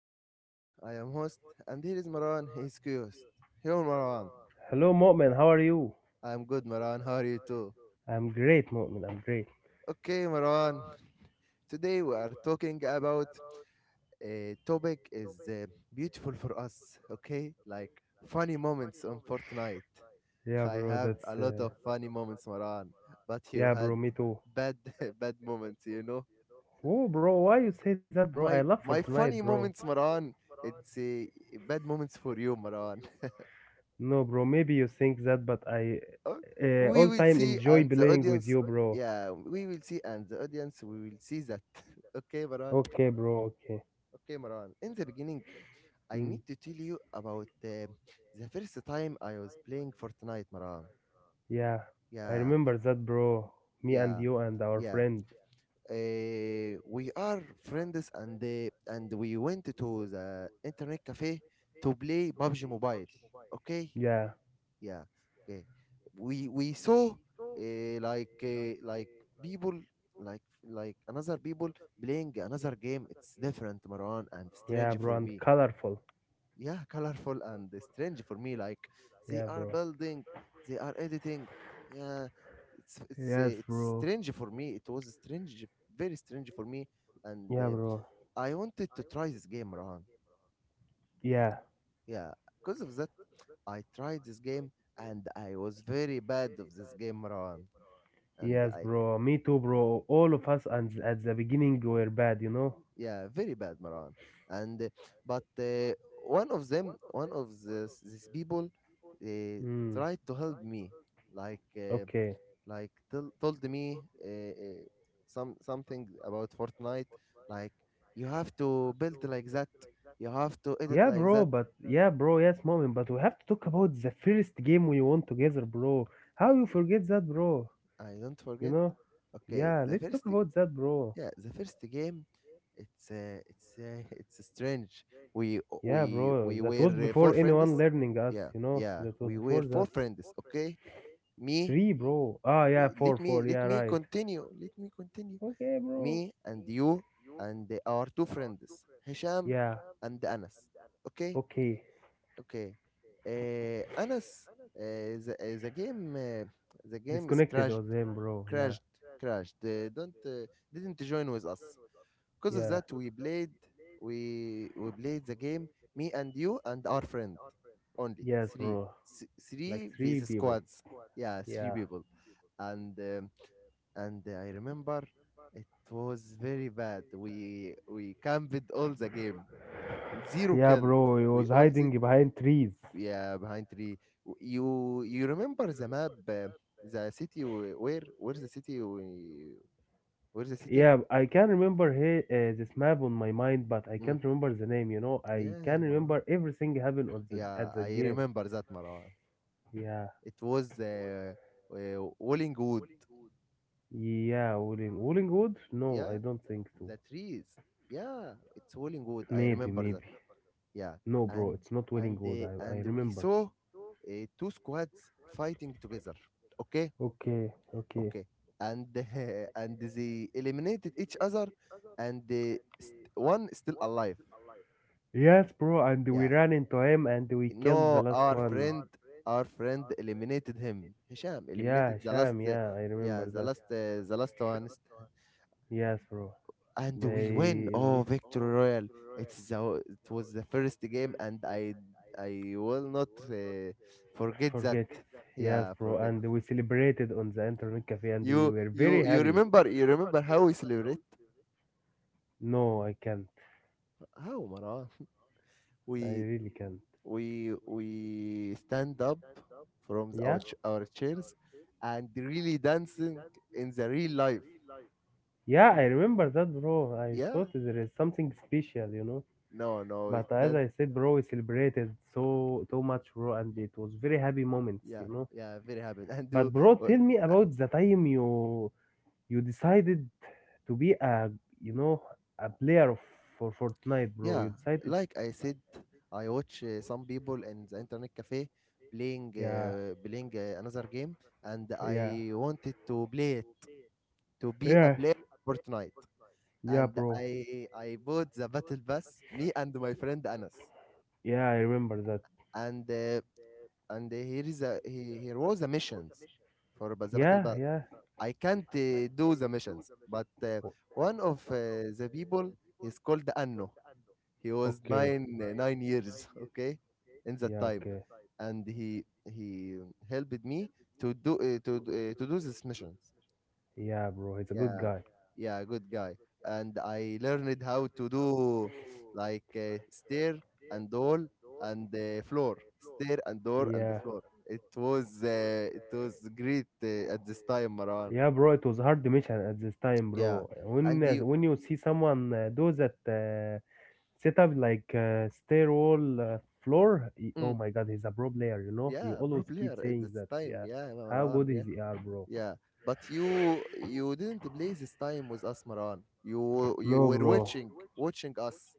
I am Mu'min, I am host, and here is Marwan, he is co-host. Hello, Marwan. Hello, Mu'min. How are you? I am good, Marwan. How are you too? I'm great, Mu'min. I'm great. Okay, Marwan. Today we are talking about a topic is beautiful for us. Okay, like funny moments on Fortnite. Yeah, I bro. have a That's lot of funny moments, Marwan, but you yeah, had bro. Me too. bad bad moments, you know. Oh, bro. Why you say that, bro? I My love my Fortnite, funny bro. moments, Maran. It's a bad moments for you, Maran. No, bro. Maybe you think that, but I Oh, we all will time see, enjoy and the playing with audience. you, bro. Yeah, we will see, and the audience. We will see that. Okay, Maran. Okay, bro. Okay. Okay, Maran. In the beginning, I Mm, need to tell you about the first time I was playing Fortnite, Maran. yeah, I Yeah, remember that, bro. Me and yeah, you and our yeah. friend. We are friends, and we went to the internet cafe to play PUBG Mobile. Okay, Yeah, yeah, okay, we saw like people, like like another people playing another game. It's different, Marwan, and yeah, strange bro. for And me. colorful. Yeah, colorful and strange for me, like they Yeah, are bro. building, they are editing, yeah. it's it's uh, Yes, it's bro. strange for me. It was strange, very strange for me, and Yeah, uh, bro. I wanted to try this game, Marwan. Yeah. Yeah, because of that I tried this game, and I was very bad of this game, Maran. and Yes, i bro. Me too, bro. All of us and at the beginning were bad, you know. yeah, very bad, Maran, and but one of them one of this these people uh, Hmm. tried to help me, like uh, Okay. like told me something about Fortnite, like you have to build like that, you have to edit Yeah, like bro. that. But yeah, bro. Yes, moment. But we have to talk about the first game we won together, bro. How you forget that, bro? I don't You forget. know. Okay, Yeah. the Let's talk first. about that, bro. Yeah, the first game, it's it's strange. We Yeah, we bro. we That were was four before anyone friends. learning us, Yeah, you know. yeah, That was we were before that. four friends. Okay, me. Three, bro. Ah, yeah. let Four, me four. let Yeah, me right. continue. Let me continue. Okay, bro. Me and you and our two friends, Hisham Yeah. and Anas. Okay, Okay. okay. Anas, uh, the, uh, the game uh, the game is Disconnected crashed, was him, bro. Yeah. crashed, crashed. Don't Didn't join with us. Because of Yeah. that we played, we played the game, me and you and our friend only Yes, three. bro. Like Three three vs people. squads. Yeah, three Yeah. people. And and I remember it was very bad. We camped all the game, zero Yeah, kill. bro, he we was all the hiding behind trees. yeah, behind tree. You, you remember the map, the city w- where where's the city we where's the city? Yeah, I can remember he, this map on my mind, but I Mm, can't remember the name, you know. I can yeah. remember everything happened on the Yeah, at the I game. remember that, Marwan. Yeah. It was Wollingwood. Yeah, Wooling Wood? No, I Yeah, don't think so. the trees. Yeah, it's Wollingwood. I Maybe, remember that. maybe. Yeah, No, bro, and it's not and Wood. uh, I and we remember. saw two squads fighting together. Okay, Okay, okay. okay, and and they eliminated each other, and one is still alive. Yes, bro, and we Yeah, ran into him and we killed the no, last one. Our friend eliminated him. Hisham Yeah, eliminated the last, Sham, uh, yeah, I yeah, remember the that. last, uh, the last one, Yes, bro. and we win. They mm, Oh, victory royal! It was the first game, and I will not forget that. forget it. Yes, Yeah, bro. forget. And we celebrated on the internet cafe, and we were very You happy. remember, you remember how we celebrate? No, I can't. How, Marwan? I We, really can't. We stand up from the- our Yeah. Our chairs and really dancing in the real life. Yeah, I remember that, bro. I Yeah, thought there is something special, you know. no, no, it But as doesn't. I said, bro, we celebrated so so much, bro, and it was very happy moments, Yeah, you know. yeah, very happy. And do But bro, uh, tell me about the time you. You decided to be a, you know, a player of, for Fortnite, bro. You yeah, decided, like I said, I watch some people in the internet cafe playing yeah, uh, playing uh, another game, and yeah, I wanted to play it, to be a yes, player, Fortnite. yeah, and bro. i i bought the battle pass, me and my friend Anas, Yeah, I remember that. and and here is here was the missions for the battle Yeah, pass. yeah. I can't do the missions, but O- one of the people is called Anno. He was okay. 9 years, okay, in that Yeah, time, okay. and he helped me to do to do- to do these missions. Yeah, bro. He's a good Yeah, guy. yeah, good guy. And I learned how to do like stair and all, and floor, stair and door and the Yeah. floor. It was great at this time, Marwan. Yeah, bro, it was hard mission at this time, Yeah, bro. And you, When you see someone do that, set up like a stair uh, floor. He- Oh mm, my god, he's a pro player, you know? You yeah, pro always keep player at saying this that. time. Yeah. Yeah, How Marwan. good Yeah, is he are, bro? yeah. But you didn't play this time with us, Marwan. You No, were bro. watching us,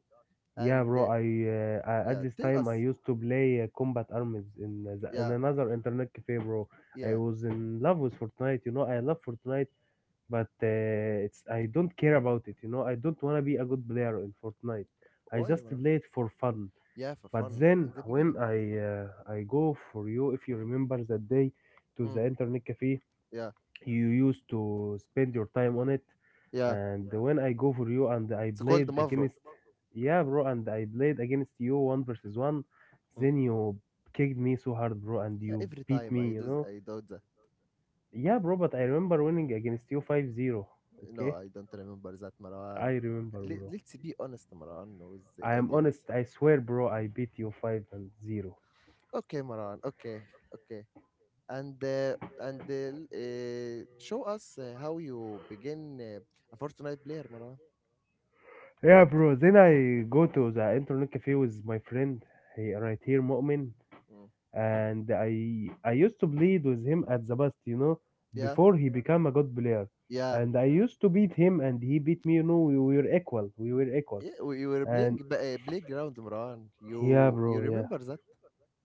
Yeah, and bro. uh, I at yeah, this tell time I us. used to play Combat Arms in the, in Yeah, another internet cafe, bro. I yeah. was in love with Fortnite. You know, I love Fortnite, but it's I don't care about it. You know, I don't wanna be a good player in Fortnite. I Why, just Marwan? play it for fun. Yeah, for But fun then in the when beginning. I go for you, if you remember that day to Mm. the internet cafe, Yeah, you used to spend your time on it. yeah. And when I go for you and I It's called played Mavro. against yeah, bro, and I played against you one versus one, Mm. then you kicked me so hard, bro, and Yeah, you every beat time I me, you do, know. I do that. Yeah, bro, but I remember winning against you 5-0. No, Okay, I don't remember that, I Marwan. remember, bro. Let's be honest, Marwan, with the I am audience. honest. I swear, bro, I beat you 5-0. Okay, Marwan. Okay, okay. And show us how you begin a Fortnite player, Marwan. Yeah, bro. Then I go to the internet cafe with my friend, he right here, Mu'min, Mm. and I used to bleed with him at the best, you know, Yeah, before he became a good player, yeah. and I used to beat him, and he beat me. You know, we were equal. We were equal, Yeah, we you were playing and playground, Marwan. yeah, You bro. Yeah, remember that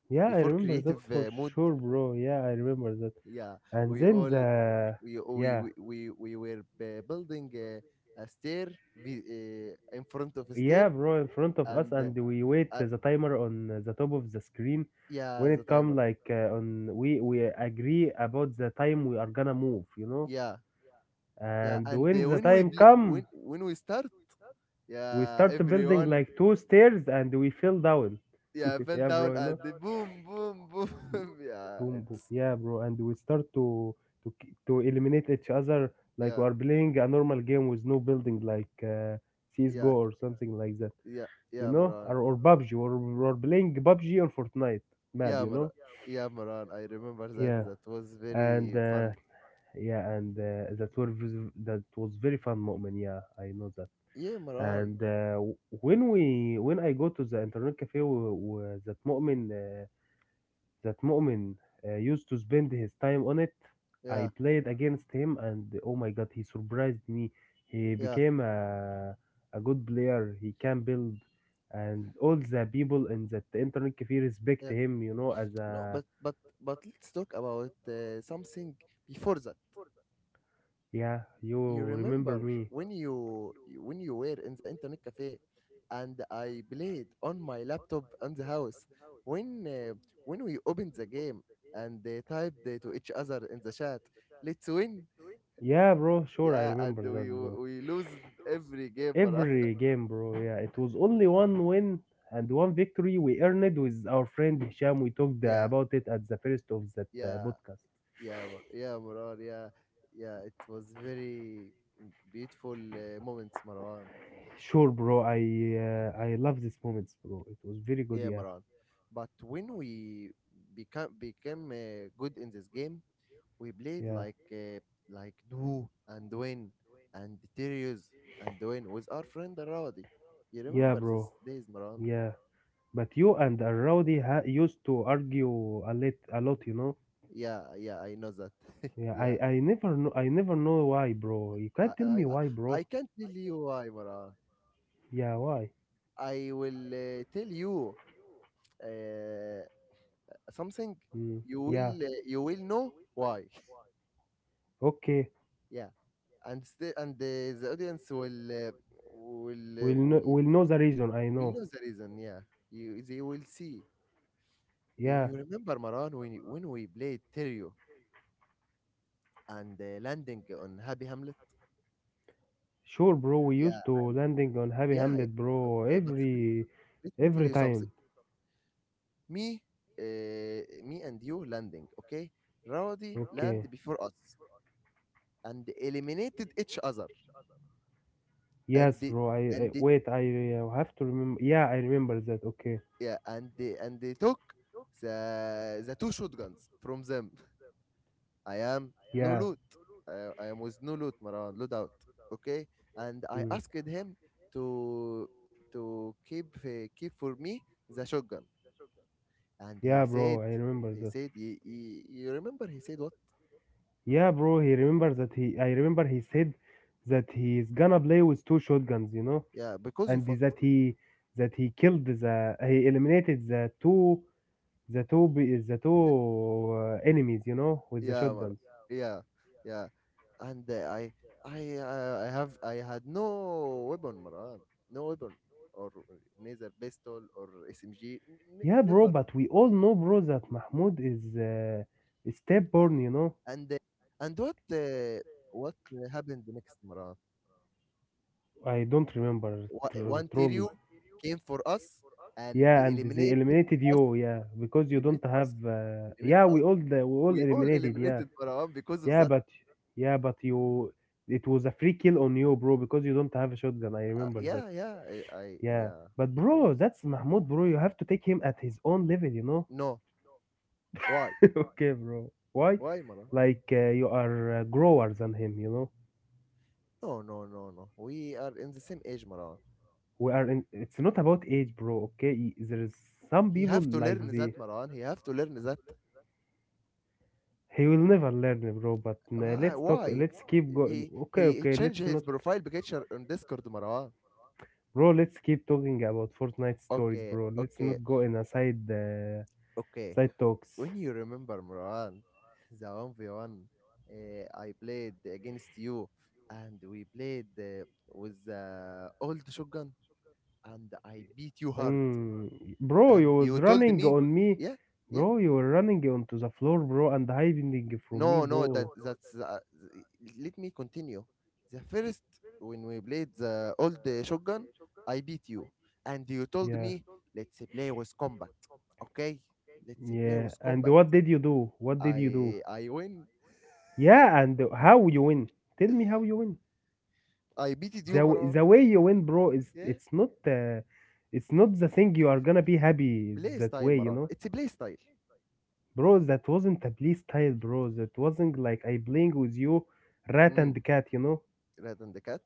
yeah. I before remember that creative for mode? sure, bro. Yeah, I remember that. Yeah, And we then all, the we we yeah. we, we we were building a stair, vi- in front of a stair, Yeah, bro, in front of us, and and uh, we wait uh, the timer on the top of the screen. yeah, When the it come timer. like on, we agree about the time we are gonna move, you know. Yeah, yeah, And and when uh, the when we time bl- come, when when we start, we yeah, start building everyone, like two stairs, and we fell down. yeah, fell yeah, down bro, you and know. the boom boom boom. Yeah, Boom, boom. it's Yeah, bro, and we start to k- to eliminate each other like yeah, we are playing a normal game with no building like yeah, CS:GO or something like that. yeah, You yeah, know, Imran. or PUBG, or playing PUBG on Fortnite map, Yeah, you know. Maran. Yeah, Maran, I remember that, Yeah, that was and very fun. yeah, and that was very fun moment. Yeah, I know that. Yeah, Imran. And w- when we when I go to the internet cafe w- w- that moment that Mu'min used to spend his time on it. Yeah, I played against him, and oh my god, he surprised me. He yeah. became a good player. He can build, and all the people in that internet cafe respect him. You know, as No, a but but let's talk about something before that. yeah, You you remember remember me? When you were in the internet cafe, and I played on my laptop in the house. When uh, when we opened the game and they typed to each other in the chat, "Let's win!" Yeah, bro. Sure, I Yeah, and remember that, we bro. we lose every game, Marar. Every game, bro. Yeah, it was only one win and one victory we earned with our friend Hisham. We talked Yeah, about it at the first of that yeah, podcast. Yeah, Marar. Yeah, yeah. It was very beautiful moments, Marar. Sure, bro. I love these moments, bro. It was very good. Yeah, Yeah, Maran. But when we become became good in this game, we played yeah, like do and Dwayne and Tyrius and Dwayne with our friend Rowdy. You yeah, remember bro. these days, Maran? Yeah. But you and Rowdy ha- used to argue a lot, you know. Yeah, yeah, I know that. Yeah, I, Yeah, I never know, I never know why, bro. You I, can't tell I me I why, bro. Can't tell you why, Maran. Yeah, why? I will tell you uh, something. Mm, yeah. You will know why. Okay. Yeah. And still and the audience will will uh, will We'll know the reason. I will know. know the reason. Yeah, you they will see. Yeah. You remember, Maran, when when we played Terrio and landing on Happy Hamlet. Sure, bro. We Yeah, used to landing on Happy yeah, yeah. Hamlet, But bro. Let me Every tell you time. something. me Me and you landing, okay, Rowdy land Okay. before us and eliminated each other, and Yes, the, bro. I, and I the, wait. I have to remember. Yeah, I remember that. Okay. yeah, and they took the two shotguns from them. I am no Yeah. loot. I am with no loot, Marwan, loot out. Okay? And I Mm. asked him to keep for me the shotgun. And Yeah, he bro. said, I remember he that. said, he, you remember he said what? Yeah, bro. He remembers that he. I remember he said that he is gonna play with two shotguns. You know, Yeah, because and of what? That he killed the he eliminated the two be- the two enemies. You know, with the yeah, Mar- shotguns. yeah, yeah. And I had no weapon, Marwan. No weapon or neither pistol or SMG. Yeah, bro. Never. But we all know, bro, that Mahmoud is step born. You know, And uh, and what happened next, Maran? I don't remember One tr- truly. Ontario came for us and Yeah, and they eliminated eliminated us, you, yeah, because you don't eliminated have. us, eliminated Yeah, us. we all the, we all We all eliminated, yeah, eliminated, Maran, because of yeah, that. but yeah, but you, it was a free kill on you, bro, because you don't have a shotgun. I remember that. Yeah, yeah, I Yeah, yeah. but It bro, was that's Mahmoud, bro. You have to take him at his own level, you know. no. Why? okay, bro. Why? Why, Maran? Like you are growers than him, you know. No, no, no, no. We are in the same age, Maran. We are in. It's not about age, bro. Okay, Y- there is some He people have to like learn the. that, Maran. He have to learn that. He will never learn, bro. But Why? let's talk. Why? Let's keep going. He Okay, he okay. changed Let's his not, profile picture on Discord, Maran. bro. Let's keep talking about Fortnite stories, Okay, bro. Let's okay, not go in a side okay. side talks. When you remember Marwan, the 1v1 I played against you, and we played with the old shotgun, and I beat you hard. Mm, bro, you And you was told running me, on me, yeah, yeah, bro. You were running onto the floor, bro, and hiding from me, no, no, bro. Let me continue. The first when we played the old shotgun, I beat you, and you told Yeah, me, let's play with combat, okay? Let's play yeah. with And combat. what did you do? What did you do? I win. Yeah, and how you win? Tell me how you win. I beat The you, w- Marwan. the way you win, bro, is Yeah. It's not the thing you are gonna be happy بلاي that ستايل way, you مروان know, اتس play style. bro. That wasn't a play style, bro. That wasn't like I playing with you, rat امم and cat, you know. ريد اند كات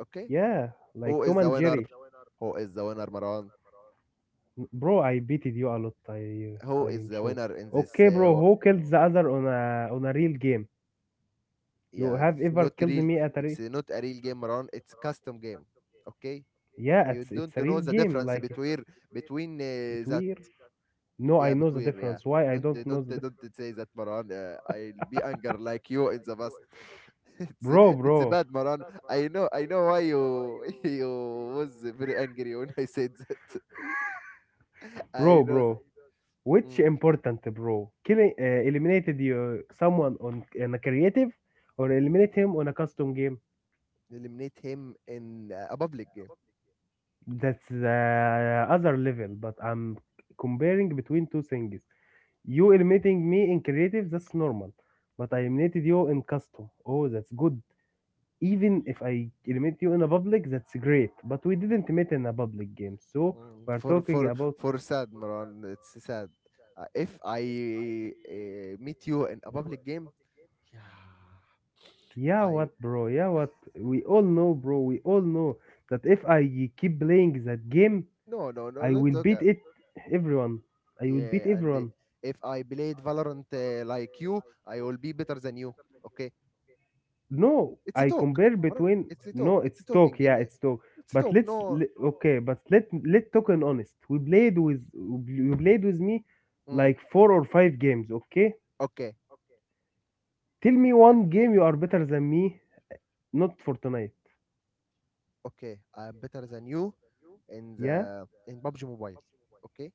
اوكي Yeah, like هو از Tom ذا and Jerry, وينر هو از ذا وينر مروان bro. I beated you a lot. I هو I از am ذا sure. وينر ان ذس. Okay, bro. Who killed the other on a real game? You Yeah, have it's ever not killed real. me at a It's re- not a real game, مروان, it's custom game, okay? yeah? You don't It's a know real the game, difference like between that. between. No, I Yeah, know the between, yeah. difference. Why I don't know the di- Don't say that, مروان, I'll be anger like you in the past. it's bro, it's bro, bad, مروان. I know why you you was very angry when I said that bro, Espinosa. bro. Which Mm. important, bro? Killing eliminated you someone on in a creative, or eliminate him on a custom game. Eliminate him in a public game. That's the other level. But I'm comparing between two things. You eliminating me in creative, that's normal. But I eliminated you in custom. Oh, that's good. Even if I eliminate you in a public, that's great. But we didn't meet in a public game, so Mm. we're talking about For sad, Maran. It's sad. If I meet you in a public game, yeah, yeah, I. what, bro? Yeah, what? We all know, bro. We all know that if I keep playing that game, No, no, no, I don't will talk. beat uh, it everyone. I will beat Yeah, and everyone. if I played Valorant like you, I will be better than you. Okay, No, it's a I talk, compare Maran. between It's a talk. no, It's it's a talking. talk, You yeah, know, it's talk. it's a But talk. let's No. le- okay, but let let talk and honest. We played with you played with me Mm. like four or five games, okay? Okay. Tell me one game you are better than me, not for tonight. Okay. I'm better than you in Yeah? the in PUBG Mobile. Okay.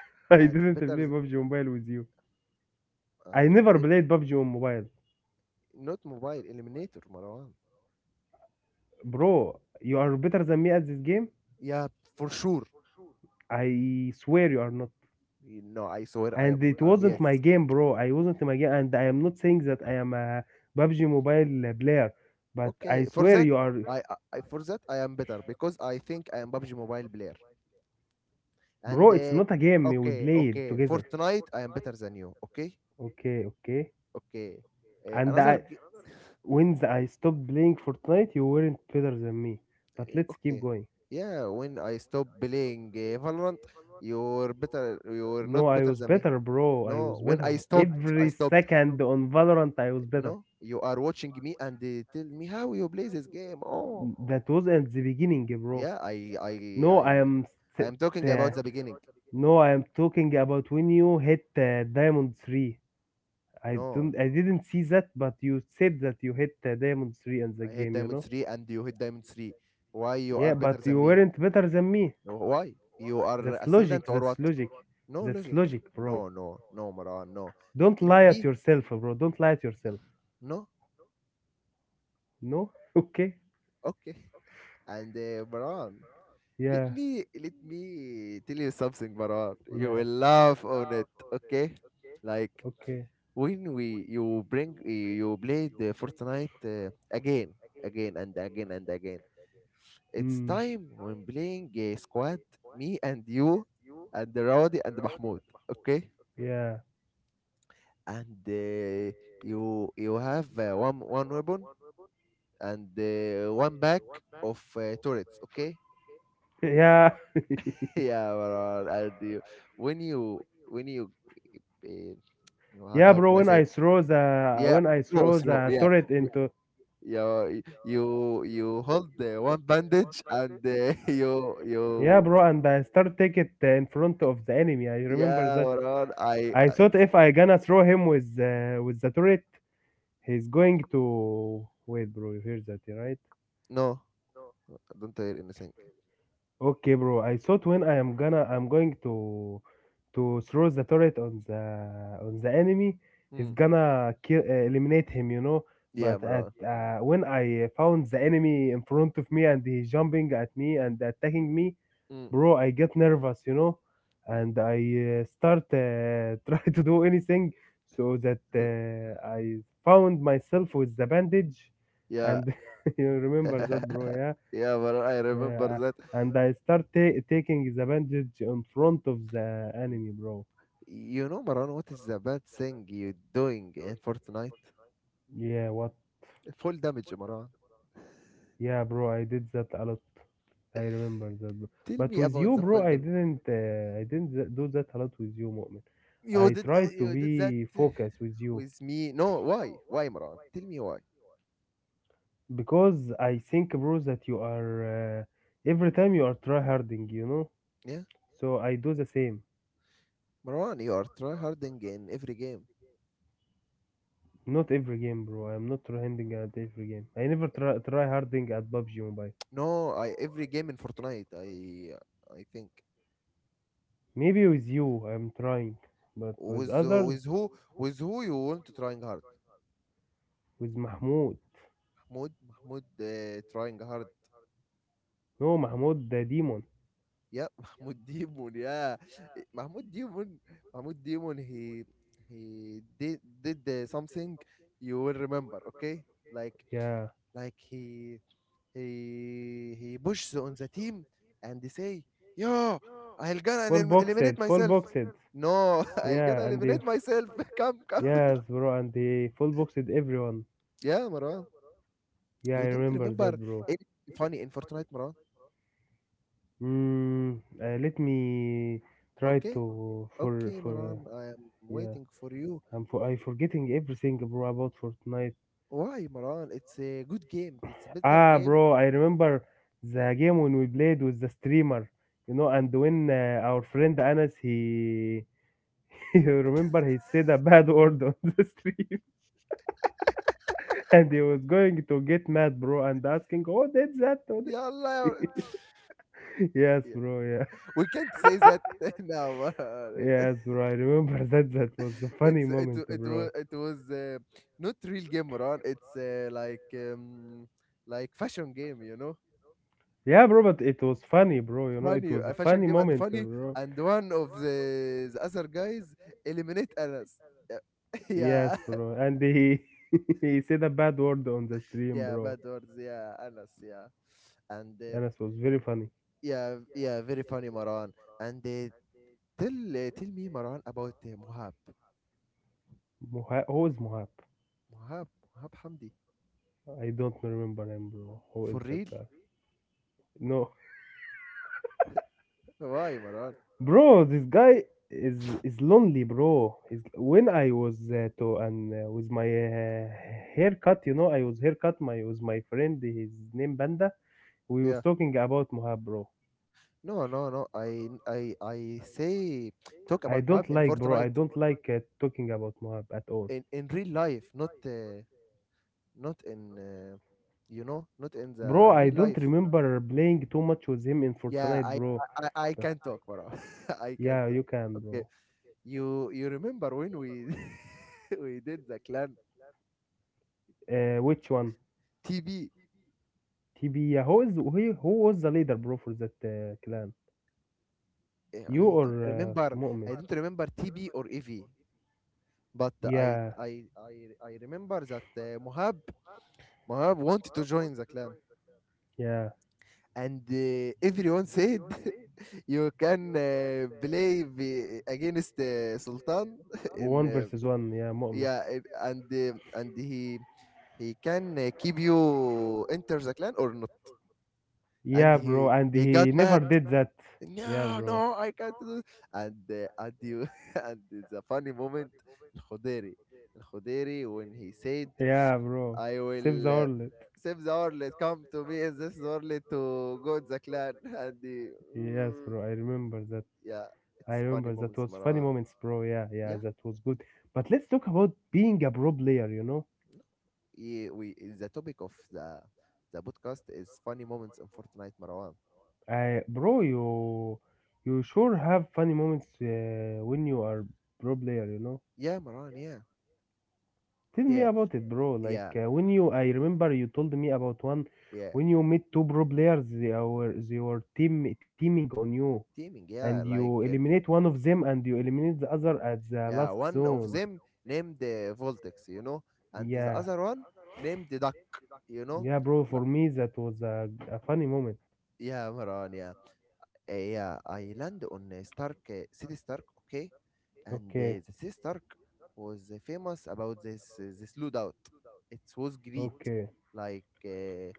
I and didn't play better th- PUBG Mobile with you. I I never did played PUBG on mobile. Not mobile, eliminator Marwan. Bro, you are better than me at this game? Yeah, for sure. I swear you are not. You know, I swear I And am it I'm yes. wasn't my game, bro. I wasn't in my game, and I am not saying that I am a PUBG Mobile player, but I Okay, for swear that you are. For that I am better because I think I am PUBG mobile player. Bro, And it's not a game we Okay, played okay, together. Fortnite I am better than you. Okay, Okay, okay. okay. Uh, And i another g- when I stopped playing Fortnite you weren't better than me, but let's keep okay. going. Yeah, when I stop playing Valorant, you're better. You're No, not I better was than me. better, bro. I No, was when better I stopped, I every stopped. second on Valorant. I was better. No, you are watching me and they tell me how you play this game. Oh, That was at the beginning, bro. yeah, No, I, I am I th- am talking the- about the beginning. no, I am talking about when you hit diamond 3. I don't, No, I didn't see that, but you said that you hit diamond three in the I hit game. You diamond know? three and you hit diamond three. Why you Yeah, are better but than you me? weren't better than me. No, why you are That's logic. ascendant or That's what? logic. No That's logic. logic, bro. No, no, no, Maran. No, Don't lie at B. yourself, bro. Don't lie at yourself. No, No? Okay. okay. And Maran, let Yeah. me let me tell you something, Maran. You Yeah. will laugh on it. Okay, like Okay. when we you bring you play the Fortnite again, again and again and again. It's Hmm. time when playing a squad, me and you, and Rawdi and Mahmoud. Okay, Yeah. and you you have one weapon and one back of turrets. Okay, Yeah. yeah, Marwan, and you, when you when you uh, Yeah, how bro. can I When say I it? throw the Yeah, when I throw throw throw. the Yeah, turret into— you you hold the one bandage and you yeah, bro, and I start take it in front of the enemy. I remember that. yeah Maran I I thought it's if I gonna throw him with the turret, he's going to wait, bro. You hear that, right? no, I don't hear anything. Okay, bro. I thought when I am gonna, I'm going to throw the turret on the enemy. He's Mm. gonna kill, eliminate him, you know. Yeah, But at Maran. When I found the enemy in front of me and he's jumping at me and attacking me, Mm. bro, I get nervous, you know, and I start try to do anything so that I found myself with the bandage, Yeah. and you remember that, bro, yeah. Yeah, Maran, I remember Yeah, that. and I start taking the bandage in front of the enemy, bro. You know, Maran, what is the bad thing you doing in Fortnite? Yeah, what? Full damage, Maran. Yeah, bro, I did that a lot. I remember that, bro. Tell But me with about you, the bro, full I damage. didn't. I didn't do that a lot with you, Mu'min. You I did tried to you did that be focused with you. with me. No, why why, Maran, tell me why. Because I think, bro, that you are every time you are tryharding, you know. Yeah, So I do the same. Maran, you are tryharding in every game. Not every game, bro. I'm not tryharding at every game. I never try tryharding at PUBG Mobile. No, I every game in Fortnite, I think. Maybe with you, I'm trying, but with With others, with who, with who you want to trying hard? with Mahmoud. Mahmoud, Mahmoud trying hard. No, Mahmoud the demon. Yeah, Mahmoud Demon. Yeah, Mahmoud Demon. Mahmoud Demon. He did something you will remember. Okay, like Yeah, like he he pushes on the team and they say, "Yo, I'll gonna full elim- eliminate boxed, full myself." boxed. No, I'll gonna Yeah, and they, eliminate myself. Come, come. yes, bro, and they full boxed everyone. Yeah, Marwan. Yeah, I You didn't remember remember that, bro. anything funny in Fortnite, Marwan? Mm, let me try Okay, to okay, for Marwan. I am yeah. waiting for you. I forgetting everything, bro, about Fortnite. Why, Marwan? It's a good game. It's a better Ah, game. bro, I remember the game when we played with the streamer, you know, and when our friend Anas he, you remember he said a bad word on the stream, and he was going to get mad, bro, and asking, "Oh, that's that? Oh, that—" Yalla. يا- Yes, Yeah. bro. Yeah, We can't say that now, Marwan. yes, bro. I remember that. That was a funny It's it wa- moment, it wa- bro. it was not real game, Marwan. It's like fashion game, you know. Yeah, bro, but it was funny, bro. You know, it Funny, was a a fashion funny game and moment, funny, bro. and one of the other guys eliminate Anas. Yes, Yeah. bro. And he he said a bad word on the stream, Yeah, bro. bad words, yeah, Anas, yeah, and And it was very funny. yeah, yeah, very funny, Maran. And tell tell me, Maran, about Mohab, Who is Mohab? Mohab, Mohab Hamdi, I don't remember him, bro. Who for is that real? guy? No, Why, Maran? bro, this guy is lonely, bro. Is when I was to and with my haircut, you know, I was haircut my with my friend. His name Banda. We was Yeah, talking about Mohab, bro. no, no, no. I say I talk about don't Mohab like, in bro. I Fortnite, don't like talking about Moab at all, in real life, not not in you know, not in bro. the I real don't life. remember playing too much with him in Yeah, Fortnite, I bro. I, I I But— can talk, Maran. I can yeah, you talk. can, bro. Okay, you remember when we we did the clan Which one? TB, TB. Yeah, who was the leader, bro, for that clan? eh, You I or don't remember. Mu'min? I don't remember TB or EV, but I Yeah, I I I remember that Mohab Mohab wanted to join the clan, yeah. and everyone said you can play v- against Sultan in One versus one. Yeah, Mu'min. yeah, it- and he can keep you enter the clan or not. And Yeah, bro. And he he got never mad. did that. Yeah, No, bro. no, I can't do. And you and it's a funny moment. Al Khodiri, Al-Khuderi, when he said, Yeah, bro. "I Save the will world. save the orlet, come to me in this orlet to go to the clan," and the Yes, mm, bro. I remember that. yeah, I it's remember funny that moments, was funny Maran. moments, bro. Yeah, yeah, Yeah, that was good. But let's talk about being a pro player, you know. yeah, we the topic of the podcast is funny moments in Fortnite, Marwan. Bro, you sure have funny moments when you are pro player, you know. Yeah, Marwan. Yeah, Tell me yeah, about it, bro. Like yeah, when you, I remember you told me about one yeah. when you meet two pro players, they were teaming on you, Teaming. and Yeah, like. you eliminate one of them and you eliminate the other at the Yeah, last one of zone. them named Voltex, you know, and the Yeah, other one named the Duck, you know. yeah, bro. Li- For me, that was a funny moment. yeah, Maran, yeah. Yeah, I land on Stark, City Stark, okay? And Okay. the City Stark was famous about this lootout. It was great. Okay. Like,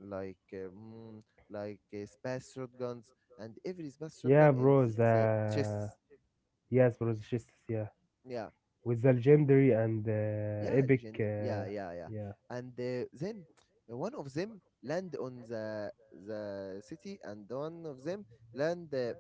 like, uh, mm, like space shotguns, and every space Yeah, shotgun in bro. this The chest. yes, bro. The just yeah, Yeah, with the legendary and yeah, epic. legend. Yeah, yeah, yeah. Yeah. And then one of them land on the city, and one of them land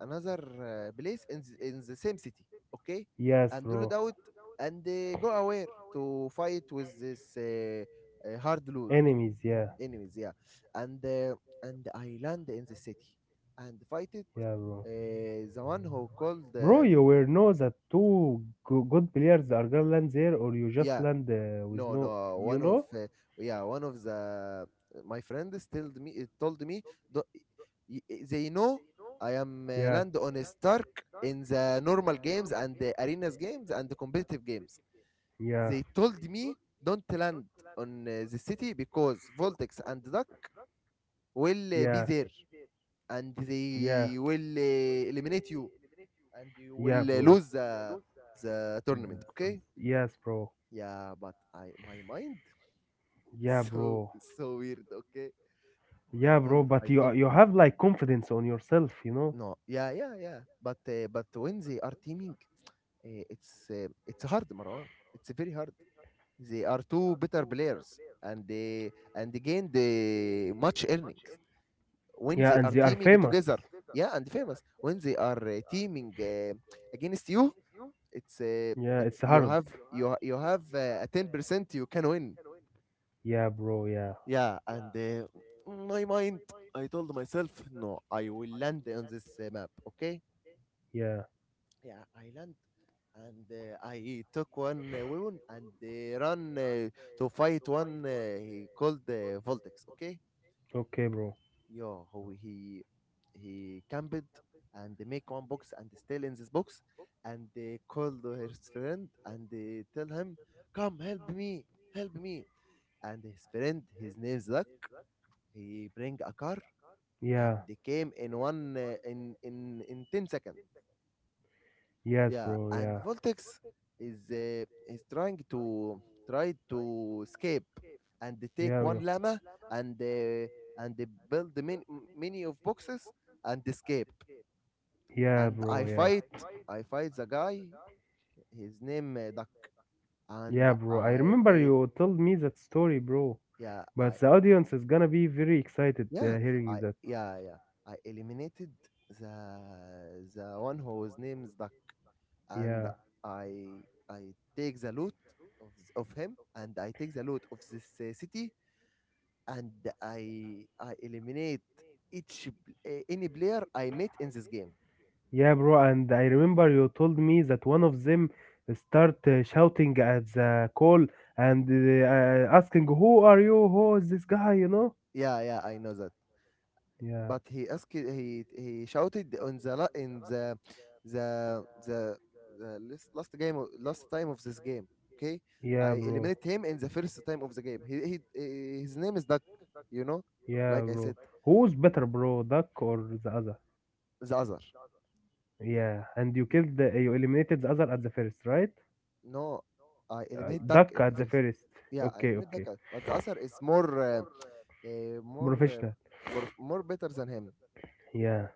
another place in in the same city. Okay, Yes, and do it bro. out and go away to fight with this hard loot Enemies. Yeah. enemies. Yeah, and uh, and I land in the city and fight it. Yeah, bro. The one who called Bro, you will know that two good players are gonna land there, or you just yeah, land with no, no. no. You One of know? Yeah, one of the my friends told me, it told me the, they know I am Yeah. land on a Stark in the normal games and the arenas games and the competitive games. Yeah. They told me don't land on the city because Voltex and Duck will be Yeah. there and Yeah. they will eliminate you and you Yeah, will bro. Lose the tournament. Okay? Yes, bro. Yeah, but I my mind, it's Yeah, so, bro. it's so weird. Okay, Oh, Yeah, bro, but I you told have like confidence on yourself, you know? no. Yeah, yeah, yeah. But when they are teaming, it's hard, Marwan. It's very hard. They are two better players, and they the much earnings when Yeah, they and are they are teaming together. famous. Yeah, and famous when they are teaming against you. Yeah, it's It's you hard. have you have a 10% you can win. Yeah, bro, yeah. Yeah, and my mind, I told myself, no, I will land on this map, okay? Yeah. Yeah, I land, and I took one weapon and run to fight one he called Voltex, okay? Okay, bro. Yo, how he camped and make one box and still in this box, and called his friend and tell him, come help me, and his friend, his name's Zach, he bring a car Yeah. and they came in one in 10 seconds. Yes, Yeah, bro, and yeah. Voltex is is trying to try to escape, and they take Yeah, one bro. llama and uh, and they build the many, many of boxes and escape. Yeah, And bro, i yeah. fight i fight the guy, his name Duck, and Yeah, bro. I I remember el- you told me that story, bro. yeah But I the audience is gonna be very excited yeah hearing I that. yeah, yeah, I eliminated the the one whose name's Duck. And Yeah. I I take the loot of him, and I take the loot of this city, and I eliminate any player I met in this game. Yeah, bro, and I remember you told me that one of them start shouting at the call and asking, "Who are you? Who is this guy?" You know? Yeah, yeah, I know that. Yeah, But he asked he shouted on the la- in the the the last, last last time of this game. Okay, yeah, I bro. eliminated him in the first time of the game. He, eh, his name is Duck. You know, Yeah, like I bro. said, Who's better, bro, Duck or the other? the other. Yeah, and you killed, the, you eliminated the other at the first, right? No, I eliminate Duck Duck in the at the first. first. Yeah, I Okay, eliminate Duck, okay. But the other is uh, more, uh, Professional. more, more better than him. Yeah,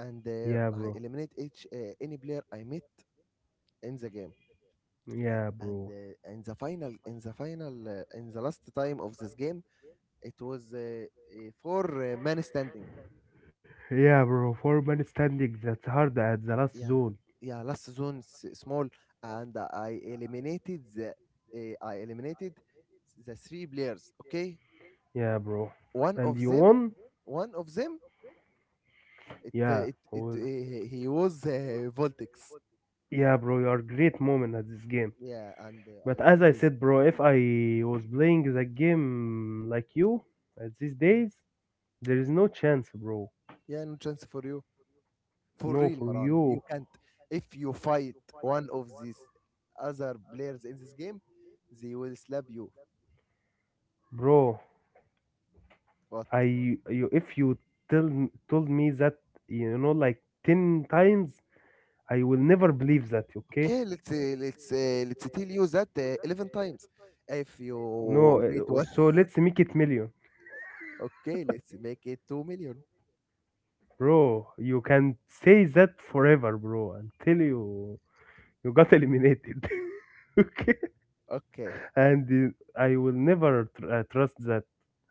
And yeah, I bro. eliminate each any player I meet in the game. Yeah, And bro. In the final, in the final, in the last time of this game, it was four men standing. Yeah, bro. Four-man standing. That's hard at the last Yeah, zone. yeah, last zone small, and I eliminated the three players. Okay, Yeah, bro. one And of you them won? one of them it Yeah. Was he was Voltex. yeah, bro. You are great moment at this game. Yeah, and I But as won I this. said, bro, if I was playing the game like you at these days, there is no chance, bro. Yeah, no chance for you. For No, real, for Maran. you, You can't. If you fight one of these other players in this game, they will slap you. bro. But I— you if you told me that you know like 10 times, I will never believe that. Okay? okay, let's tell you that 11 times. If No. you meet uh, one, So let's make it million, okay, let's make it 2 million. bro. You can say that forever, bro. Until you— you got eliminated. okay. Okay, And I will never trust that.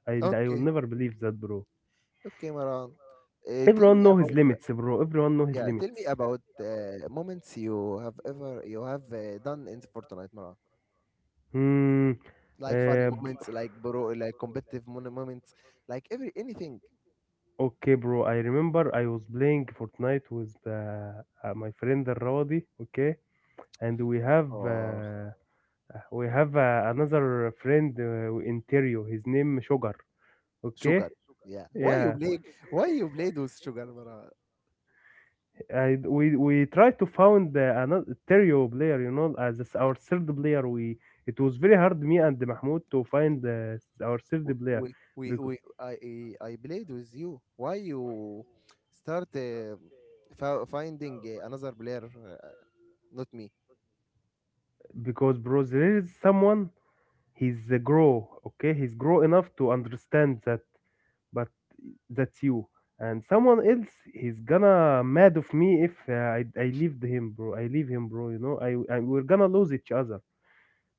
And I will okay, never believe that, bro. okay, Maran. Tell Everyone me know his about limits, eh, bro. Everyone know his yeah, tell limits. me about moments you have ever you have done in Fortnite, Mara. Hmm. Like funny Uh, b- moments, like bro, like competitive moments, like every anything. okay, bro. I remember I was playing Fortnite with my friend Rawdi. Okay, and Oh, we have another friend in Terio. His name Sugar. Okay. sugar. Yeah. Why you Yeah. played? Why you played with sugar, Mara? I we tried to found another stereo player, you know, as our third player. We it was very hard me and Mahmoud to find our third W- player we because I played with you. Why you start finding another player, not me? Bro, there is someone he's grow enough to understand that, but that's you. And someone else, he's gonna mad of me if I leave him, bro. I leave him, bro. You know, I we're gonna lose each other.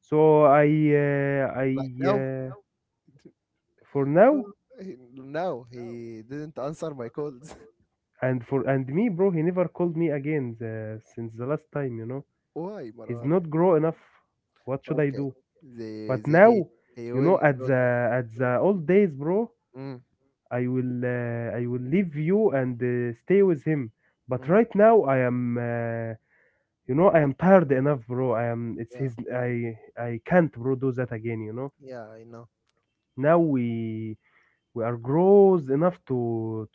So I uh, I Like now, uh, for no, now— now he didn't answer my calls. and for and me, bro, he never called me again since the last time, you know. Why, He's Mara? not grow enough. What should I Okay. do? But They now, he you will know, at go to the mm, old days, bro, mm, I will I will leave you and stay with him. But mm. right now, I am, you know, I am tired enough, bro. I am. It's Yeah, his. I can't, bro, do that again, you know. yeah, I know. Now we are grows enough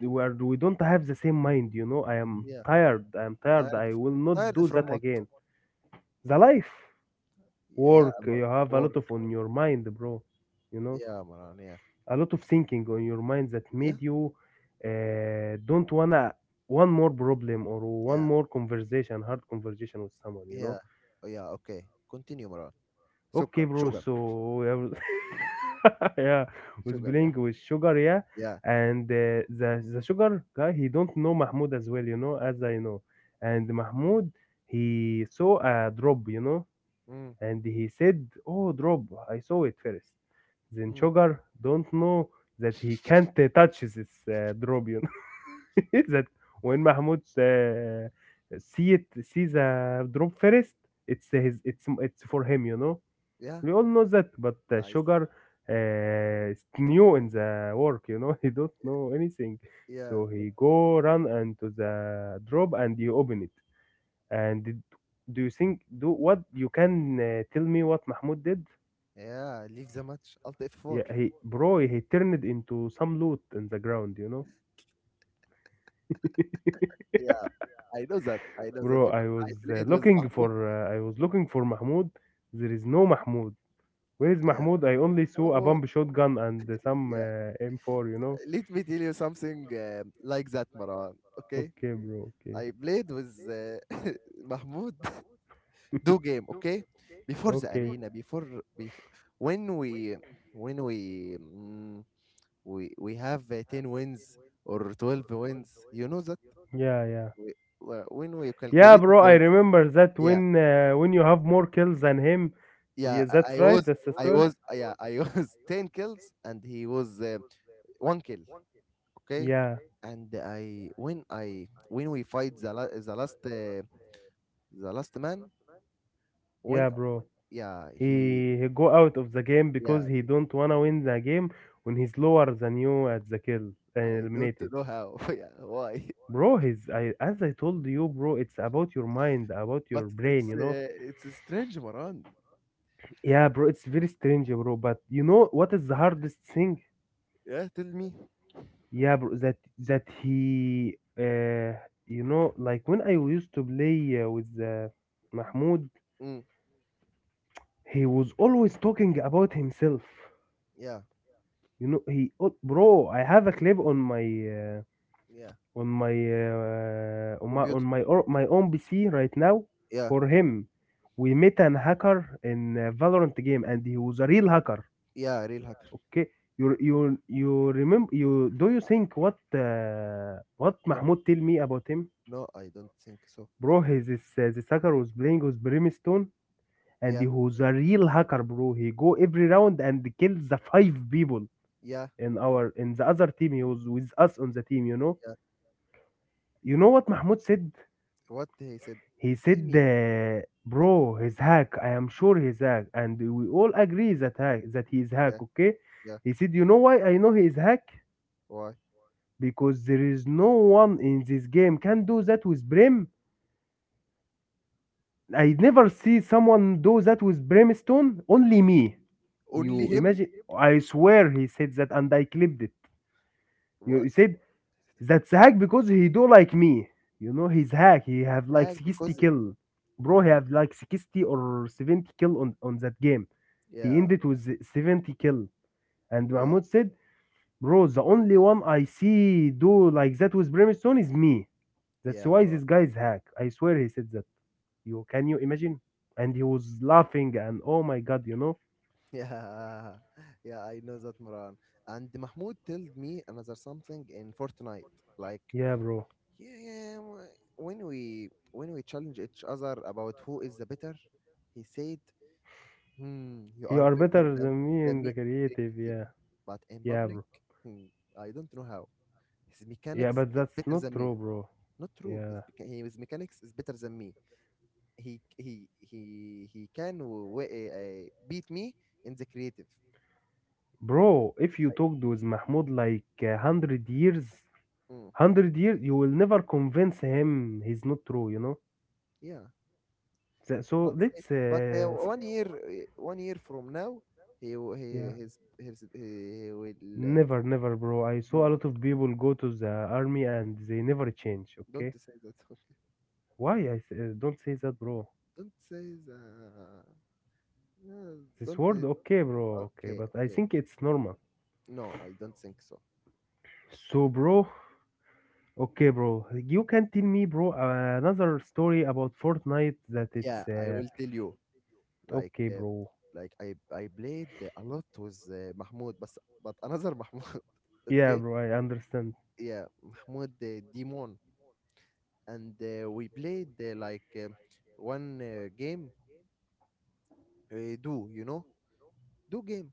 to- we are we don't have the same mind, you know. I am Yeah. tired, I am tired, Tired I f- will not do tired from that what? again. The life Yeah, yeah, work. You about have a lot work. of on your mind, bro, you know, Yeah, Maran, yeah. a lot of thinking on your mind that Yeah, made you don't wanna one more problem or one yeah, more conversation, hard conversation with someone, you know. yeah. Oh yeah, okay. Continue, Maran. Okay, Sugar, bro, sugar, so yeah, was sugar, yeah. playing with Sugar, yeah, Yeah. and the Sugar guy, he don't know Mahmoud as well, you know, as I know, and Mahmoud he saw a drop, you know, Mm, and he said, "Oh, drop! I saw it first." Then mm. Sugar don't know that he can't touch this drop, you know, that when Mahmoud see the drop first, it's his, it's for him, you know, Yeah. we all know that, but I see. sugar is new in the work, you know, he don't know anything. Yeah, So look. he go run into the drop and you open it. And did, do you think do what you can tell me what Mahmoud did? Yeah, leave the match. Alt F4. Yeah, he bro, he turned it into some loot in the ground, you know. Yeah, I know that. I know that Bro, I because was I played with looking for Mahmoud. I was looking for Mahmoud. There is no Mahmoud. Where is Yeah. Mahmoud? I only saw a Mahmoud. bomb shotgun and some Yeah. M4, you know. Let me tell you something like that, Maran. Okay, Okay, bro. Okay. I played with Mahmoud do game. Okay, before the Okay. arena, before before when we when we mm, we have ten wins or 12 wins. You know that Yeah, yeah. we, when we Yeah, calculated bro, I the wins. remember that Yeah, when you have more kills than him. yeah. Yeah, that's I I right. was That's the I story. was yeah, I was ten kills and he was one kill. Okay, Yeah. and I when we fight the last. The Last Man when, Yeah, bro. yeah, he, He go out of the game because yeah, he don't wanna win the game when he's lower than you at the kill and I don't eliminated. know how. Yeah, why? Bro, his— I as I told you, bro, it's about your mind, about your But brain, you it's uh, know. it's a strange, Maran. Yeah, bro, it's very strange, bro, but you know what is the hardest thing? Yeah, tell me. Yeah, bro, that he, you know, like when I used to play with Mahmoud, Mm, he was always talking about himself. yeah, You know, he, oh, bro, I have a clip on my yeah. On my on Computer. my or, my own PC right now Yeah, for him. We met an hacker in Valorant game, and he was a real hacker. yeah, real hacker. Okay, you remember you do you think what No, Mahmoud tell me about him? no, I don't think so. Bro, his this hacker was playing with Brimstone and he Yeah, was a real hacker, bro. He go every round and kills the five people yeah, in our in the other team. He was with us on the team, you know. yeah. You know what Mahmoud said? What he said? He Tell said, me. Bro, he's hack. I am sure he's hack, and we all agree that hack that he's Yeah, hack. Okay. yeah. He said, you know why I know he is hack? Why? Because there is no one in this game can do that with Brim. I never see someone do that with Brimstone. Only me. Only You him? imagine? I swear he said that, and I clipped it. You What? he said that's hack because he do like me. You know he's hack. He have like Hack 60 because. kill, bro. He Mm, have like 60 or 70 kill on that game. He yeah, ended with 70 kill, and yeah, Mahmoud said, bro, the only one I see do like that with Brimstone is me. That's yeah, why Maran. this guy is hack. I swear he said that. You can you imagine? And he was laughing and oh my god, you know? Yeah, yeah, I know that, Moran. And Mahmoud told me another something in Fortnite. Like, Yeah, bro. yeah, yeah, when we challenge each other about who is the better, he said, "Hmm, you You are are better better than than me in me, the in creative, creative, yeah. but in Yeah, public, bro. hmm, I don't know how. His Yeah, mechanics but is that's better not than me. true, bro. Not true. Yeah. His mechanics is better than me. He can beat me in the creative. Bro, if you I, talked with Mahmoud like a mm, hundred years, you will never convince him he's not true, you know? yeah." So But let's, one year from now, he will- he yeah, his he, he will uh, never, never, bro. I saw a no, no, lot of people go to the army and they never change, don't okay? say that. Why? I s- don't say that, bro. Don't say that. uh, This don't. word, okay, bro, okay, but I okay. think it's normal. No, I don't think so. So, bro, okay, bro. You can tell me, bro, another story about Fortnite that it's Yeah, I will tell you. like okay, uh, bro. like I played a lot with Mahmoud, but another Mahmoud, Yeah, okay. bro, I understand. Yeah, Mahmoud Demon, and we played like one game. Do you know do game,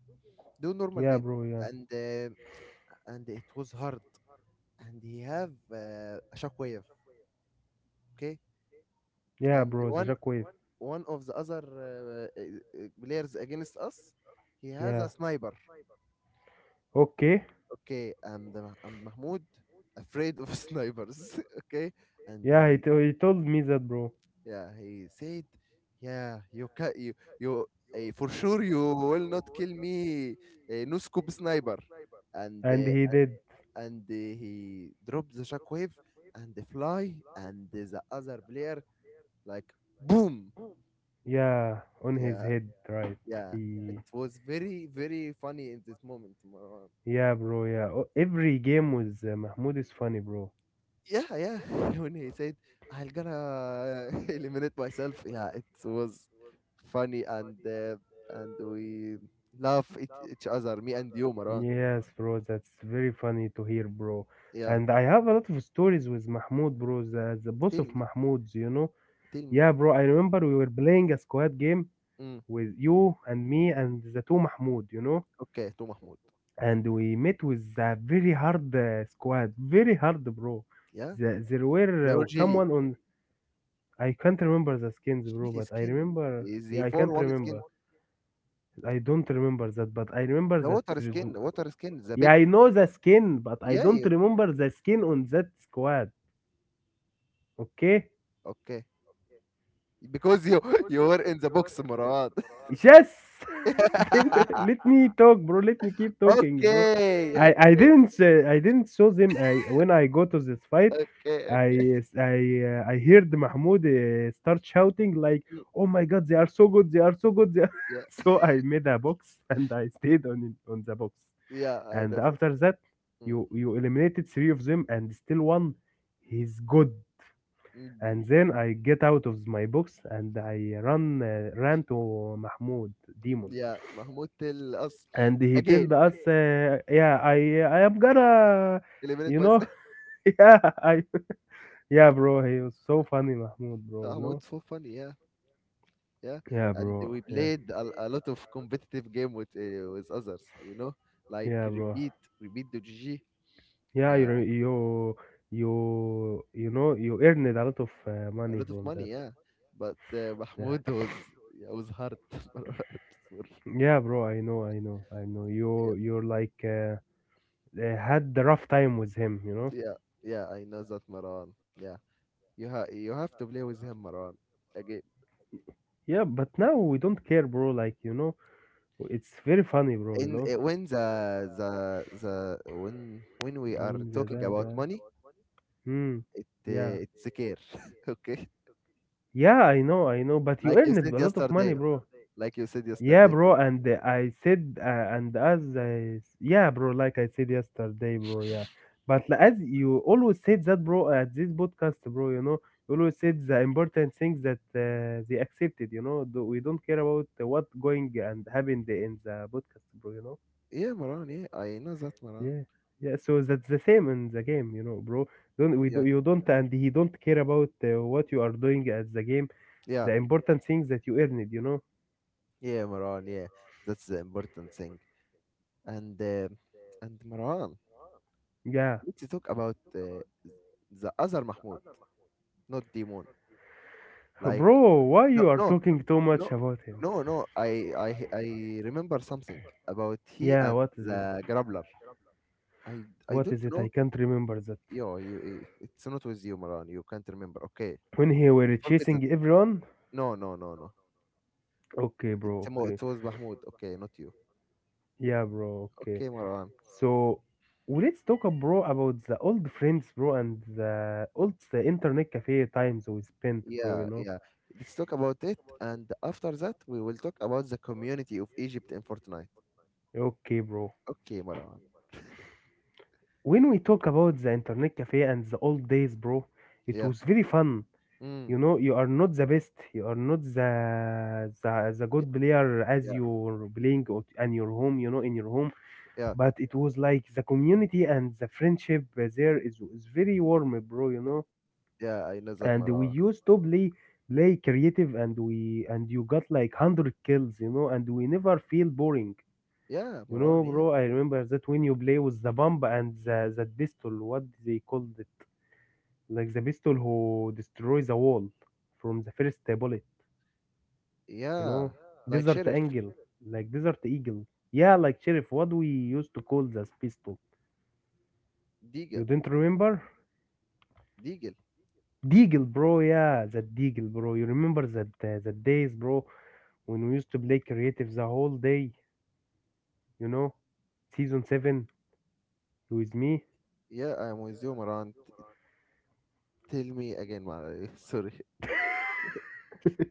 do normal Yeah, game. bro, yeah. And it was hard. And he have a shockwave, okay. Yeah, And bro, the one shockwave. one of the other uh, uh, players against us, he has Yeah. a sniper, Okay. okay. And Mahmoud afraid of snipers, okay. And Yeah, he, he told me that, bro. yeah, he said, yeah, you can you you for sure you will not kill me, no scope sniper. and And uh, he did. and uh, he dropped the shockwave, and the fly and the other player, like boom. Yeah, on his Yeah, head, right. yeah, it He was very very funny in this moment, Marwan. Yeah, bro, yeah. Oh, every game with Mahmoud is funny, bro. Yeah, yeah, when he said I'm gonna eliminate myself, yeah, it was funny. And we laugh at each other, me and you, Marwan. Yes, bro, that's very funny to hear, bro. Yeah, And I have a lot of stories with Mahmoud, bro, the tell boss of me, Mahmoud's, you know? tell me. Yeah, bro, I remember we were playing a squad game Mm. with you and me and the two Mahmoud, Okay, to Mahmoud. and we met with a very hard squad, very hard, bro. Yeah, There were they were jelly, someone on. I can't remember the skins, bro, jelly but I skin, remember, the yeah, I 4 can't 1 skin. remember. I don't remember that, but I remember The that there is, water skin, the yeah, big, I know the skin, but I yeah, don't yeah. remember the skin on that squad, okay? Okay, because you you were in the box, Murad. Yes. Then let me talk, bro. Let me keep talking, bro. Okay, okay, I didn't saw them. I when I go to this fight, okay, okay. I I I heard Mahmoud start shouting like, Mm, "Oh my God, they are so good! They are so good! Yeah, so I made a box" and I stayed on the box. yeah, I And know that. after that, Mm, you eliminated three of them and still one. He's good, mm, and then I get out of my box and I run ran to Mahmoud mm, demon, yeah, Mahmoud tell us and he told again, us, yeah, I am gonna, eliminate you know myself. yeah, I, yeah, bro, he was so funny, Mahmoud, bro, you know, Mahmoud so funny, yeah, yeah. yeah, And bro, we yeah. played a lot of competitive game with others, you know, like Yeah, bro, repeat, repeat the GG. yeah. You you know you earned a lot of A money lot of from that, money, yeah. But yeah. Mahmoud was, yeah, was hurt. Marwan. Yeah, bro, I know, I know, I know, Yeah, you're like had the rough time with him, you know. yeah, yeah. I know that, Maran. Yeah, you have to play with him, Maran. Again, Yeah, but now we don't care, bro. Like, it's very funny, bro. You in know, when the the when we are when talking about money, hmm, yeah, it's a care, okay? yeah. I know, I know. But you Like you earned said a lot of money, yesterday. bro. Like you said Yeah, yesterday. bro. And I said, and as yeah, bro. Like I said yesterday, bro. Yeah, but as you always said that, bro, at this podcast, bro. You know, you always said the important things that they accepted. You know, we don't care about what going and happened in the podcast, bro. You know. Yeah, Maran. Yeah, I know that, Maran. Yeah, yeah. So that's the same in the game, bro. Don't we do Yeah, You don't and he don't care about what you are doing at the game. yeah, The important things that you earned. yeah, Maran. Yeah, that's the important thing. And and Maran, Yeah, let's talk about the other Mahmoud, not Demon. Like, bro. Why no, you are no, talking too no, much about him? no, no. I remember something about he Yeah, and what is it? the Grappler. I don't What is it? know. I can't remember that. Yo, it's not with you, Maran. You can't remember. Okay, When he were forget chasing that. everyone. No, no, no, no. Okay, bro. Okay. It was Mahmoud. Okay, not you. Yeah, bro. Okay. Okay, Maran. So well, let's talk, bro, about the old friends, bro, and the old, the internet cafe times we spent, bro. You Yeah, know. yeah. Let's talk about it, and after that, we will talk about the community of Egypt in Fortnite. Okay, bro. Okay, Maran. When we talk about the internet cafe and the old days, bro, it Yeah. was very fun. Mm. You know, you are not the best, you are not the Yeah. good player as Yeah. you're playing in your home, in your home. Yeah. But it was like the community and the friendship there is very warm, bro. You know, Yeah, I know that, and we Maran. used to play creative, and we and you got like 100 kills, and we never feel boring. Yeah, You Maran, know, yeah. bro, I remember that when you play with the bomb and that pistol, what they called like the pistol who destroys the wall from the first bullet, you Yeah, know. Yeah, like Desert, like Sheriff, Angel, sheriff, like Desert Eagle. Yeah, like Sheriff, what we used to call this pistol. You Deagle, didn't remember? Deagle. Deagle, bro, yeah, that Deagle, bro. You remember that that days, bro, when we used to play creative the whole day, you know, season seven you with me. Yeah, I'm with you, Maran. Tell me again, Maran. Sorry.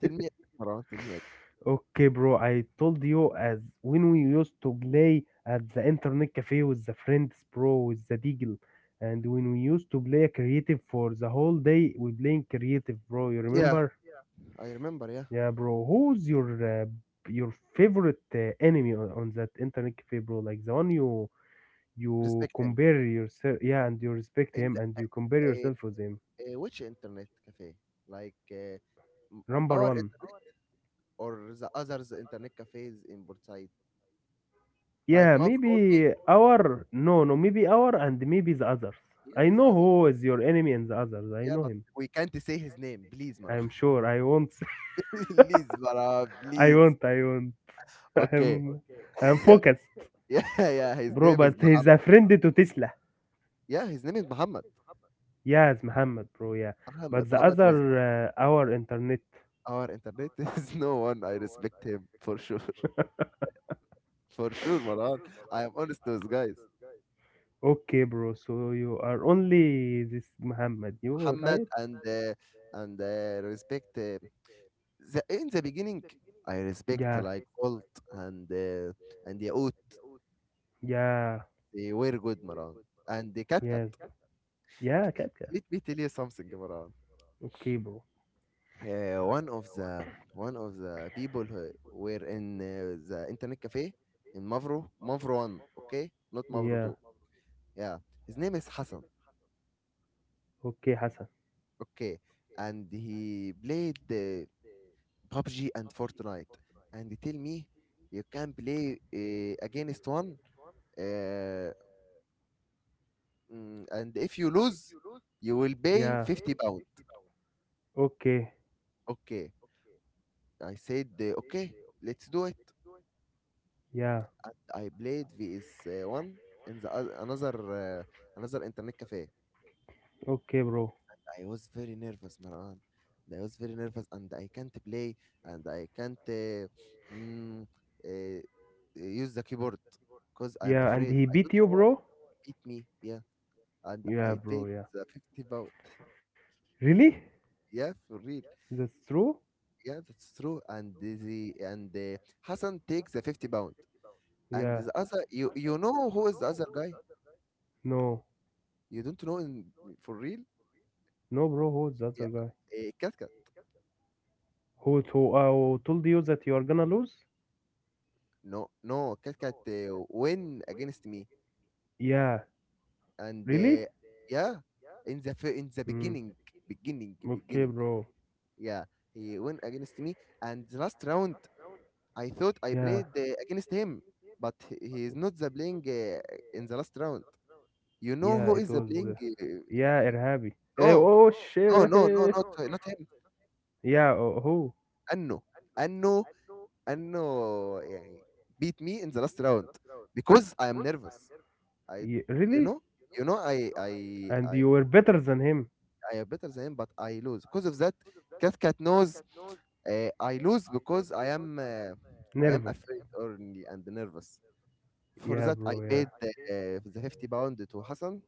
Tell me, Maran, tell me again. Okay, bro, I told you as when we used to play at the internet cafe with the friends, bro, with the deagle. And when we used to play creative for the whole day, we playing creative, bro. You Yeah, remember? I remember, yeah. Yeah, bro. Who's uh, your favorite enemy on, that internet cafe, bro? Like the one you Respect him. compare yourself, yeah, and you respect In him, the, and you compare uh, yourself with him. Which internet cafe? Like uh, m- Number our one. internet, or the others internet cafes in Burtside? Like Yeah, Mavro only? maybe our, no, no, maybe our and maybe the others. I Yeah, the know other. who is your enemy and the others. I Yeah, know but him. we can't say his name. Please, Maran. I'm sure. I won't. Please, Maran, I please. won't. I won't. Okay. I'm. I'm focused, Yeah, yeah, his bro. name is But he's Muhammad. a friend to Tesla. Yeah, his name is Muhammad. Yes, Muhammad, bro. Yeah. Muhammad. But the Muhammad was other, our internet. our internet. There's no one I respect him for sure. For sure, Maran. I am honest to those guys. Okay, bro. So you are only this Muhammad. You Muhammad right? and respect, the, in the beginning I respect Yeah. like Volt and uh, and Yaoot. Yeah. They were good, Maran. And the Cat Cat. Yes. Yeah. Cat, cat. Let me tell you something, Maran. Okay, bro. uh, one of the one of the people who were in the internet cafe in Mavro 1, okay, not Mavro Yeah. 2. Yeah, his name is Hassan, Okay, Hassan. okay. And he played the PUBG and Fortnite, and he tell me, you can play against one, uh, and if you lose you will pay Yeah. £50, Okay. okay. I said, okay, let's do it. Yeah. And I played VS1 in another uh, another internet cafe. Okay, bro. I was very nervous, Maran. I was very nervous, and I can't play, and I can't mm, uh, use the keyboard because I'm Yeah, and afraid. he I don't beat you, know why. bro? Beat me, yeah, and Yeah, I bro. paid Yeah. the £50. Really? Yeah, for real. That's true? Yeah, that's true. And Hassan takes the £50, and Yeah. the other, you know who is the other guy? No. You don't know for real? No, bro. Who's that Yeah, other guy? Cat Cat. Who who told you that you are gonna lose? No, no, Cat Cat win against me, Yeah. and Really? Yeah, in the Hmm. beginning, beginning, Okay, beginning, bro. yeah, he win against me. And the last round I thought I Yeah. played against him, but he is not the playing in the last round. You know Yeah, who it is the was. playing? Yeah, Irhabi. Eh, Uh, oh, no, no, no, no, shit. not not him. Yeah. Oh, who? Anno, Anno, Anno, yeah, beat me in the last round because I am nervous. I Ye- you really? know you know And I you were better than him. I am better than him, but I lose because of that. Cat Cat knows I lose because I am Nervous. afraid only and nervous. For Yeah, that, I bro. Yeah, paid the £50 to Hassan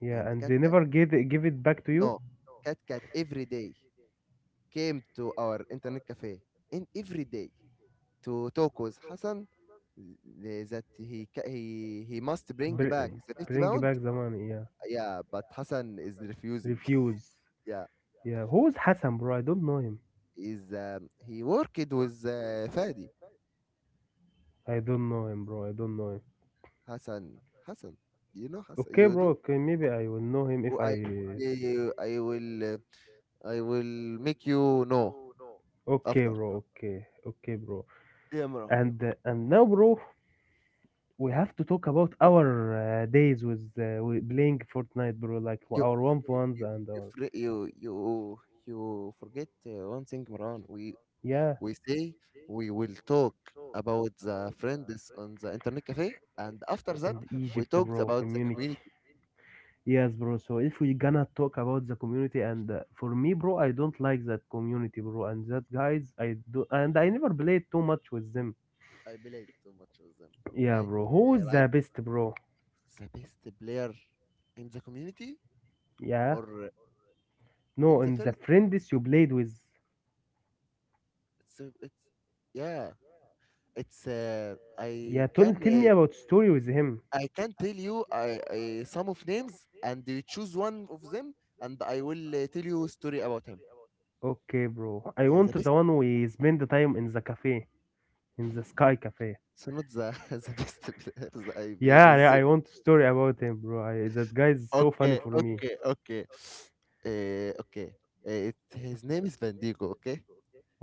yeah. and the And Cat they Cat. never get give it back to you. No, Cat Cat every day came to our internet cafe, and every day to talk with Hassan, that he he must bring Br- back the 50 bring pound back the money. Yeah. Yeah, but Hassan is refusing. Refuse. Yeah, Yeah. Who is Hassan, bro? I don't know him. is he worked with Fadi. I don't know him, bro. I don't know him. Hassan. Hassan, do you know Hassan? Okay, You bro. do. Okay, maybe I will know him if Oh, I. I will make you know Okay, after. bro. Okay. Okay, bro. Yeah, Imran. And and now, bro, we have to talk about our days with playing Fortnite, bro. Like you our one to you ones you and you our, fr- you, you you forget one thing, Maran. We yeah, we say we will talk about the friends on the internet cafe, and after that and we Egypt, talked bro. about the Community. community. Yes, bro. So if we gonna talk about the community, and for me, bro, I don't like that community, bro. And that guys, I do, and I never played too much with them. I played too much with them, Yeah, bro. Who's like the best, bro? the best player in the community. Yeah. Or No, in the and the first friends you played with. it's, yeah, it's Yeah, tell, tell me about story with him. I can tell you, I some of names and you choose one of them, and I will tell you a story about him. Okay, bro. I Yeah, want the best. the one we spend the time in the cafe, in the Sky Cafe. So not the the best players I played Yeah, with yeah, I them. want story about him, bro. I, that guy is so funny Okay, for me. okay, okay. Okay. It, his name is Van Diego. Okay,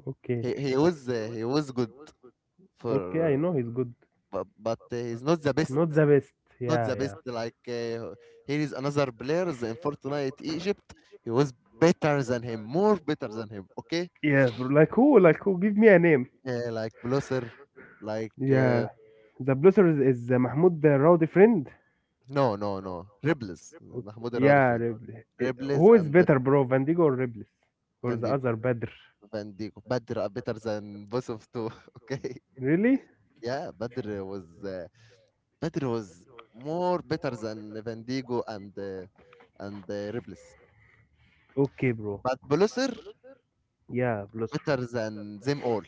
Okay, he was good for, okay, I know he's good. but he's not the best. Not the best. Not Yeah, the yeah. best like, here is another player in Fortnite Egypt. He was better than him, more better than him. Okay, Yeah, bro. Like who? Like who? Give me a name. Like Blosser, like uh, Yeah. The Blosser is Mahmoud the Rowdy friend. no, no, no, Ribles, O- Mahmoud Raudi Yeah, friend, Riblis. Eh, Ribles Who is and better, bro? Vandigo or Riblis? Or Van the Diego, other Badr? Van Diego, Badr are better than both of two. Okay, Really? yeah, Badr was more better than Van Diego and Ribles, Okay, bro. but Blosser Yeah, Blosser. better than them all.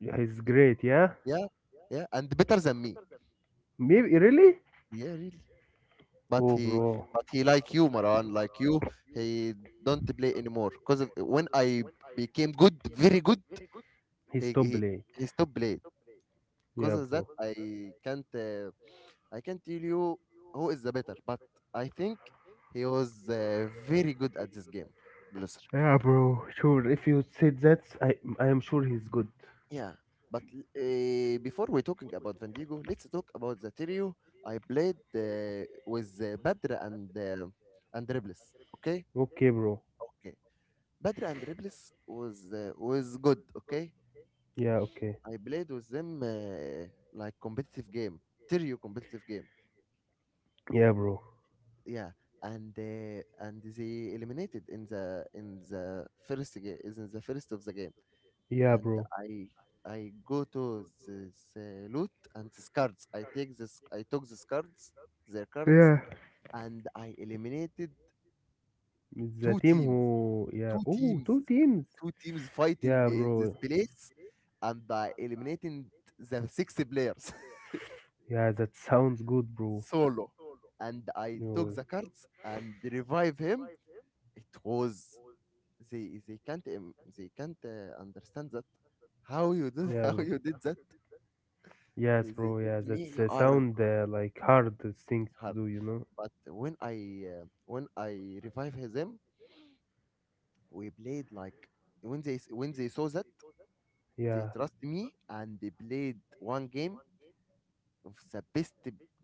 Yeah, he's great, yeah? Yeah, yeah, and better than me. Maybe, really? Yeah, really. But Oh, he, bro. but he like you, Maran, like you. He don't play anymore. Cause of, when I became good, very good, he He's top he, blade. he stopped playing. Cause Yeah, of that, bro. I can't tell you who is the better. But I think he was very good at this game, Blusser. Yeah, bro. Sure. If you said that, I am sure he's good. Yeah. But before we talking about Van Diego, let's talk about the trio I played with Badr and Dribbles. Okay, Okay, bro. okay. Badr and Rebels was good. Okay, Yeah, okay. I played with them like competitive game, Terrio competitive game. Yeah, bro. Yeah, and they eliminated in the first game, is in the first of the game. Yeah, And bro. I I go to this loot and these cards. I take this I took these cards, their cards, Yeah. and I eliminated The two team teams. who, yeah. Two Oh, teams, two teams. two teams fighting Yeah, in this bro. place, and I eliminated the six players Yeah, that sounds good, bro. solo. And I took No, the cards and revive him. It was, they can't im- they can't understand that, how you did, yeah, how bro. you did that. Yes, They bro. told Yeah, me that's you are sound like hard things to hard. do, you know. But when I revive them, we played like, when when they saw that, they Yeah. trust me, and they played one game of the best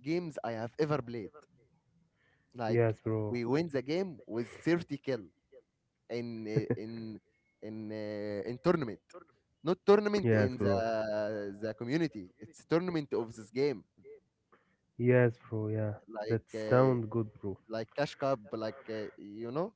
games I have ever played. Like Yes, we bro. win the game with 30 kill in uh, in in tournament. Not tournament in Yes, bro. the community. It's tournament of this game. Yes, bro. Yeah, Like that uh, sound good, bro. like cash cup. You know.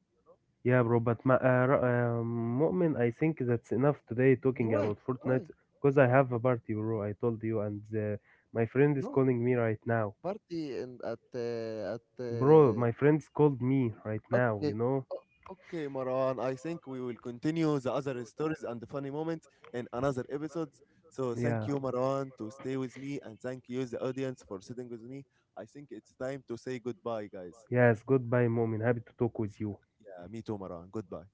Yeah, bro, but Mu'min, I think that's enough today talking Why? about Why? Fortnite because I have a party, bro. I told you, and my friend is No calling me right now. party, and at, at. Bro, Uh, my friend's called me right now, you Okay. know? O okay, Marwan, I think we will continue the other stories and the funny moments in another episodes. So thank Yeah. you, Marwan, to stay with me, and thank you, the audience, for sitting with me. I think it's time to say goodbye, guys. Yes, goodbye, Mu'min. Happy to talk with you. Yeah, me too, Marwan. Goodbye.